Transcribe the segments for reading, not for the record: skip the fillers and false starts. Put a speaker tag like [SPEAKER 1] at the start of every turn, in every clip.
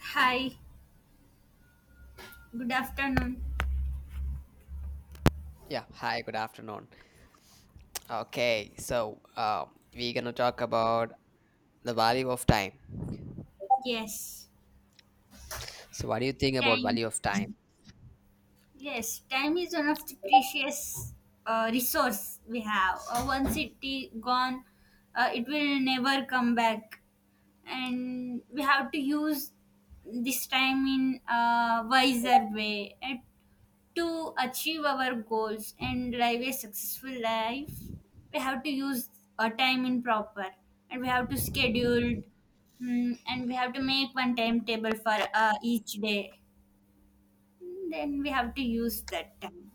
[SPEAKER 1] Hi, good afternoon.
[SPEAKER 2] Yeah, hi, good afternoon. Okay, so we're gonna talk about the value of time.
[SPEAKER 1] Yes,
[SPEAKER 2] So, what do you think about
[SPEAKER 1] time.
[SPEAKER 2] value of time?
[SPEAKER 1] Yes, time is one of the precious resource we have. Once it is gone, it will never come back, and we have to use this time in a wiser way. And to achieve our goals and live a successful life, we have to use our time in proper and we have to schedule and we have to make one timetable for each day. Then we have to use that time.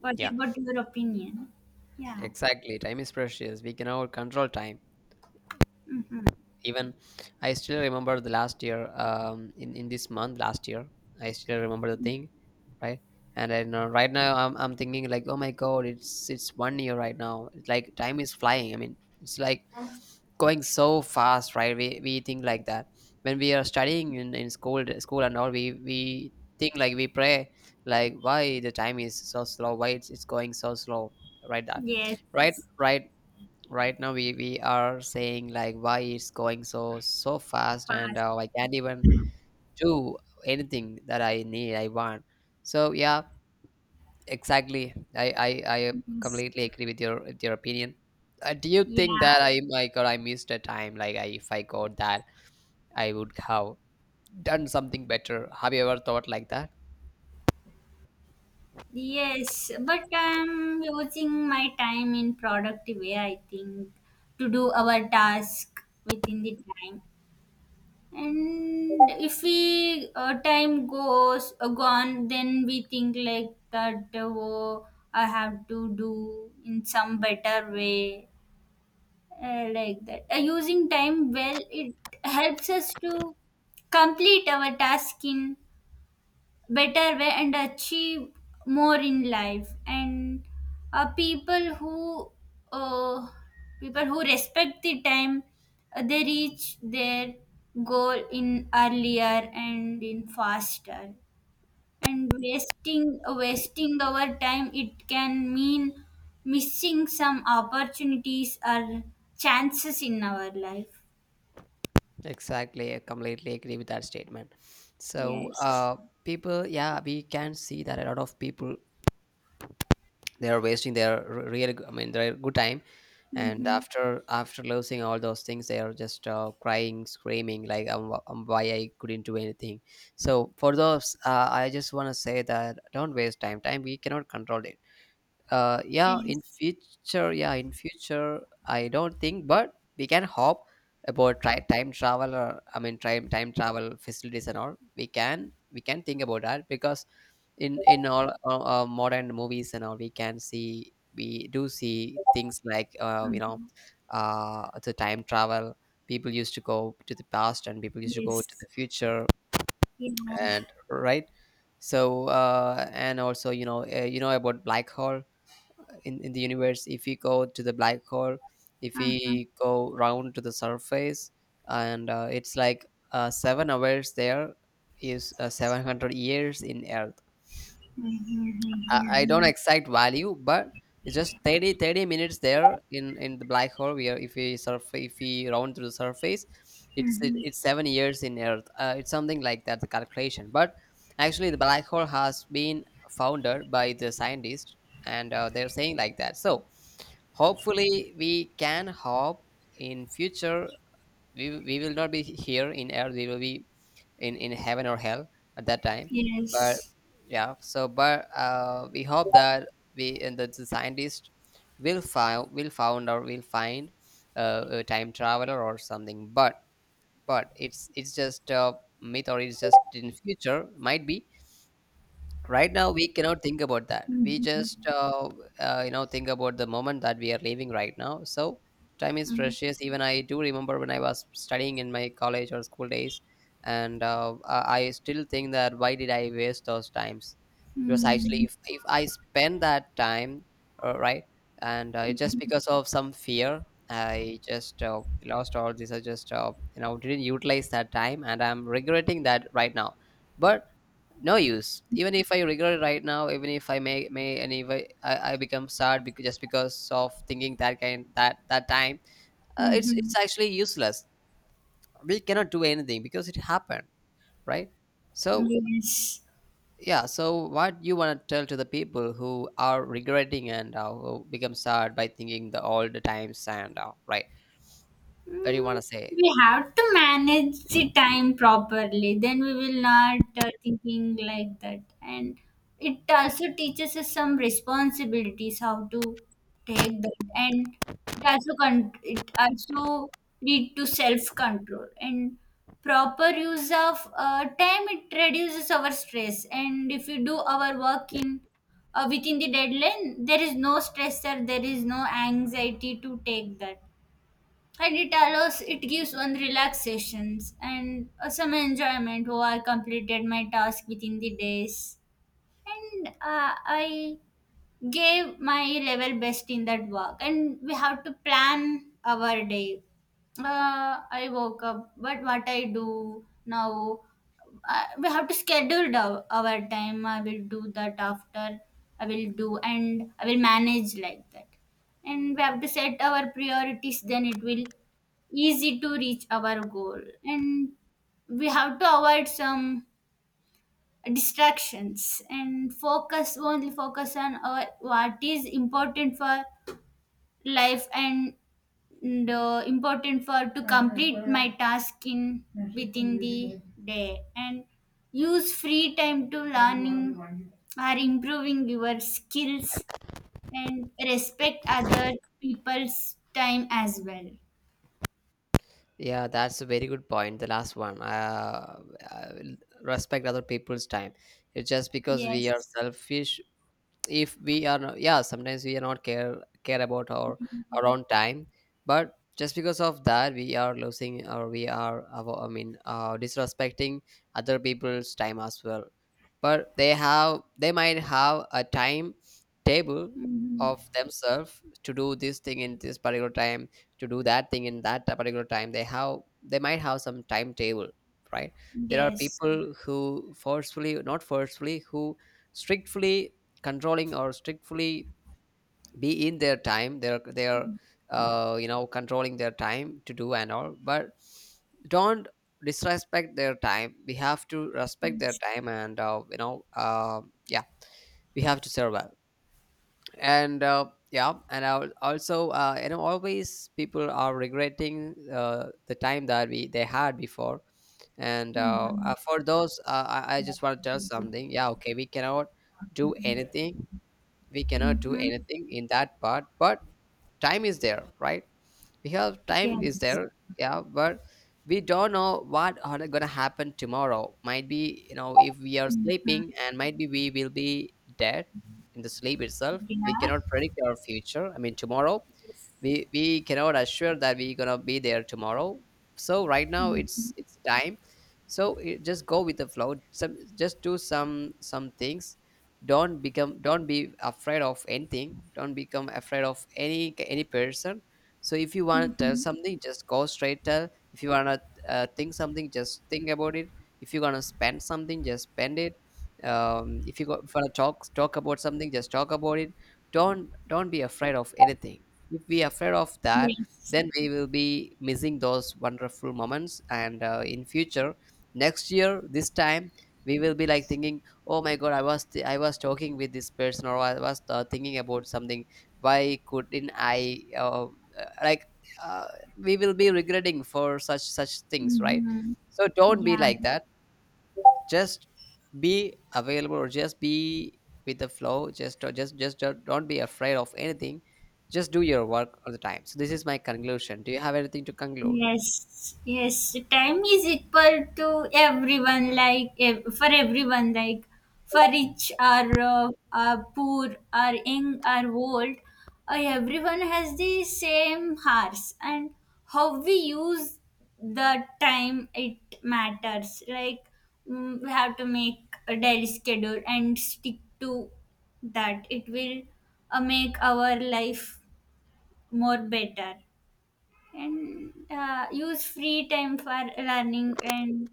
[SPEAKER 1] What
[SPEAKER 2] Yeah,
[SPEAKER 1] about your opinion? Yeah.
[SPEAKER 2] exactly. Time is precious. We cannot control time.
[SPEAKER 1] Mm-hmm.
[SPEAKER 2] Even I still remember the last year, in this month last year. I still remember the thing, right? And I know right now I'm thinking like, oh my God, it's one year right now. It's like time is flying. I mean, it's like going so fast, right? We think like that when we are studying in school and all we think like we pray, like why the time is so slow, why it's going so slow, right? That, right,
[SPEAKER 1] Yes.
[SPEAKER 2] right, right now we are saying like why it's going so fast, and
[SPEAKER 1] Fast.
[SPEAKER 2] I can't even do anything that I need, I want. So yeah, exactly. I
[SPEAKER 1] Yes.
[SPEAKER 2] completely agree with your opinion. Do you
[SPEAKER 1] Yeah.
[SPEAKER 2] think that, I, my God, I missed a time? Like, if I got that, I would have done something better. Have you ever thought like that?
[SPEAKER 1] Yes, but I'm using my time in productive way, I think, to do our task within the time. And if we time goes gone, then we think like that. Oh, I have to do in some better way, like that. Using time well, it helps us to complete our task in better way and achieve more in life and uh, people who uh, people who respect the time they reach their goal in earlier and in faster and wasting our time it can mean missing some opportunities or chances in our life.
[SPEAKER 2] Exactly. I completely agree with that statement. So
[SPEAKER 1] Yes.
[SPEAKER 2] uh, people, yeah, we can see that a lot of people, they are wasting their real I mean their good time. And
[SPEAKER 1] Mm-hmm.
[SPEAKER 2] after losing all those things, they are just crying, screaming like why I couldn't do anything. So for those, I just want to say that don't waste time. Time, we cannot control it. Yeah, in
[SPEAKER 1] Yes.
[SPEAKER 2] future, yeah, in future, I don't think, but we can hope about, time travel, or I mean time travel facilities and all. We can think about that, because in all modern movies and all, we can see, we do see things like
[SPEAKER 1] Mhm.
[SPEAKER 2] the time travel. People used to go to the past and people used to go to
[SPEAKER 1] Yes.
[SPEAKER 2] the future,
[SPEAKER 1] Yeah.
[SPEAKER 2] and right. So and also, you know about black hole. In the universe, if we go to the black hole, if
[SPEAKER 1] Uh huh.
[SPEAKER 2] we go round to the surface, and it's like 7 hours there is 700 years in Earth. I don't
[SPEAKER 1] Mhm.
[SPEAKER 2] exact value, but it's just thirty minutes there in the black hole. Where, if we round to the surface, it's it,
[SPEAKER 1] Mhm.
[SPEAKER 2] it's 7 years in Earth. It's something like that, the calculation. But actually, the black hole has been founded by the scientists, and they're saying like that. So hopefully, we can hope in future we will not be here in Earth. We will be in heaven or hell at that time. But
[SPEAKER 1] Yes.
[SPEAKER 2] yeah, so but we hope that we and the scientists will find a time traveler or something. But it's just a myth, or it's just in future, might be. Right now we cannot think about that. We just
[SPEAKER 1] Mhm.
[SPEAKER 2] think about the moment that we are living right now. So time is
[SPEAKER 1] Mhm.
[SPEAKER 2] precious. Even I do remember when I was studying in my college or school days, and I still think that why did I waste those times. Because actually,
[SPEAKER 1] Mhm.
[SPEAKER 2] if I spend that time right, and just because of some fear, I just lost all this. I just didn't utilize that time, and I'm regretting that right now. But no use. Even if I regret it right now, even if I may and if I become sad, because just because of thinking that kind, that time, it's
[SPEAKER 1] Mhm.
[SPEAKER 2] it's actually useless. We cannot do anything because it happened, right? So
[SPEAKER 1] Yes.
[SPEAKER 2] yeah, so what you want to tell to the people who are regretting, and who become sad by thinking the old times and right, what do you
[SPEAKER 1] Mm,
[SPEAKER 2] want to say?
[SPEAKER 1] we have to manage the time properly then we will not thinking like that. And it also teaches us some responsibilities how to take that. And it also lead to self control and proper use of time. It reduces our stress and if we do our work in within the deadline there is no stressor, there is no anxiety to take that. And it gives one relaxations and some enjoyment. Oh, I completed my task within the days and I gave my level best in that work. And we have to plan our day. I woke up, but what I do now? We have to schedule our time. I will do that after, I will do and I will manage like that. And we have to set our priorities, then it will easy to reach our goal. And we have to avoid some distractions and focus on what is important for life, and important for to complete my task in within the day. And use free time to learning or improving your skills. And respect other people's time as well.
[SPEAKER 2] Yeah, that's a very good point. The last one, uh, respect other people's time. It's just because we are
[SPEAKER 1] Yes.
[SPEAKER 2] selfish, if we are not. Yeah, sometimes we are not care about our own time, but just because of that, we are losing, or we are I mean disrespecting other people's time as well. But they have, they might have a time table
[SPEAKER 1] Mhm.
[SPEAKER 2] of themselves to do this thing in this particular time, to do that thing in that particular time. They have, they might have some timetable, right? There are
[SPEAKER 1] Yes.
[SPEAKER 2] people who, forcefully, not forcefully, who strictly controlling or strictly be in their time. They're controlling their time to do and all. But don't disrespect their time. We have to respect their time and yeah we have to survive. And yeah, and I will also always people are regretting the time that we they had before, and
[SPEAKER 1] Mhm.
[SPEAKER 2] for those, I just want to tell something. Yeah, okay, we cannot do anything. We cannot do
[SPEAKER 1] Mhm.
[SPEAKER 2] anything in that part, but time is there, right? Because time is
[SPEAKER 1] Yes.
[SPEAKER 2] there. Yeah, but we don't know what are gonna happen tomorrow. Might be, if we are
[SPEAKER 1] Mhm.
[SPEAKER 2] sleeping, and might be we will be dead in the sleep itself. We
[SPEAKER 1] Yeah.
[SPEAKER 2] cannot predict our future, I mean tomorrow. We cannot assure that we're gonna be there tomorrow. So right now
[SPEAKER 1] Mm-hmm.
[SPEAKER 2] it's time. So, it, just go with the flow. Some just do some things. Don't become, don't be afraid of anything. Don't become afraid of any person. So if you want to tell
[SPEAKER 1] Mm-hmm.
[SPEAKER 2] something, just go straight tell. If you wanna think something, just think about it. If you're gonna spend something, just spend it. If you go, if you wanna talk about something, just talk about it. Don't be afraid of anything. If we are afraid of that,
[SPEAKER 1] Yes.
[SPEAKER 2] then we will be missing those wonderful moments. And in future, next year, this time, we will be like thinking, "Oh my God, I was talking with this person, or I was thinking about something, why couldn't I uh, like uh, we will be regretting for such things, right?
[SPEAKER 1] Mm-hmm.
[SPEAKER 2] So don't be
[SPEAKER 1] Yeah.
[SPEAKER 2] like that. Just be available, or just be with the flow. Just don't be afraid of anything. Just do your work all the time. So this is my conclusion. Do you have anything to conclude?
[SPEAKER 1] Yes, yes. Time is equal to everyone, like for everyone, like for rich or poor or young or old, everyone has the same hours, and how we use the time it matters. Like we have to make a daily schedule and stick to that. It will make our life more better and use free time for learning and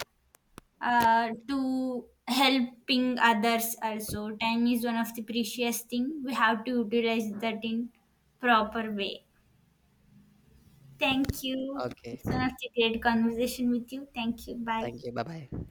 [SPEAKER 1] to helping others. Also time is one of the precious thing, we have to utilize that in proper way. Thank you.
[SPEAKER 2] Okay,
[SPEAKER 1] It's one of the great conversation with you. Thank you. Bye.
[SPEAKER 2] thank you, bye bye.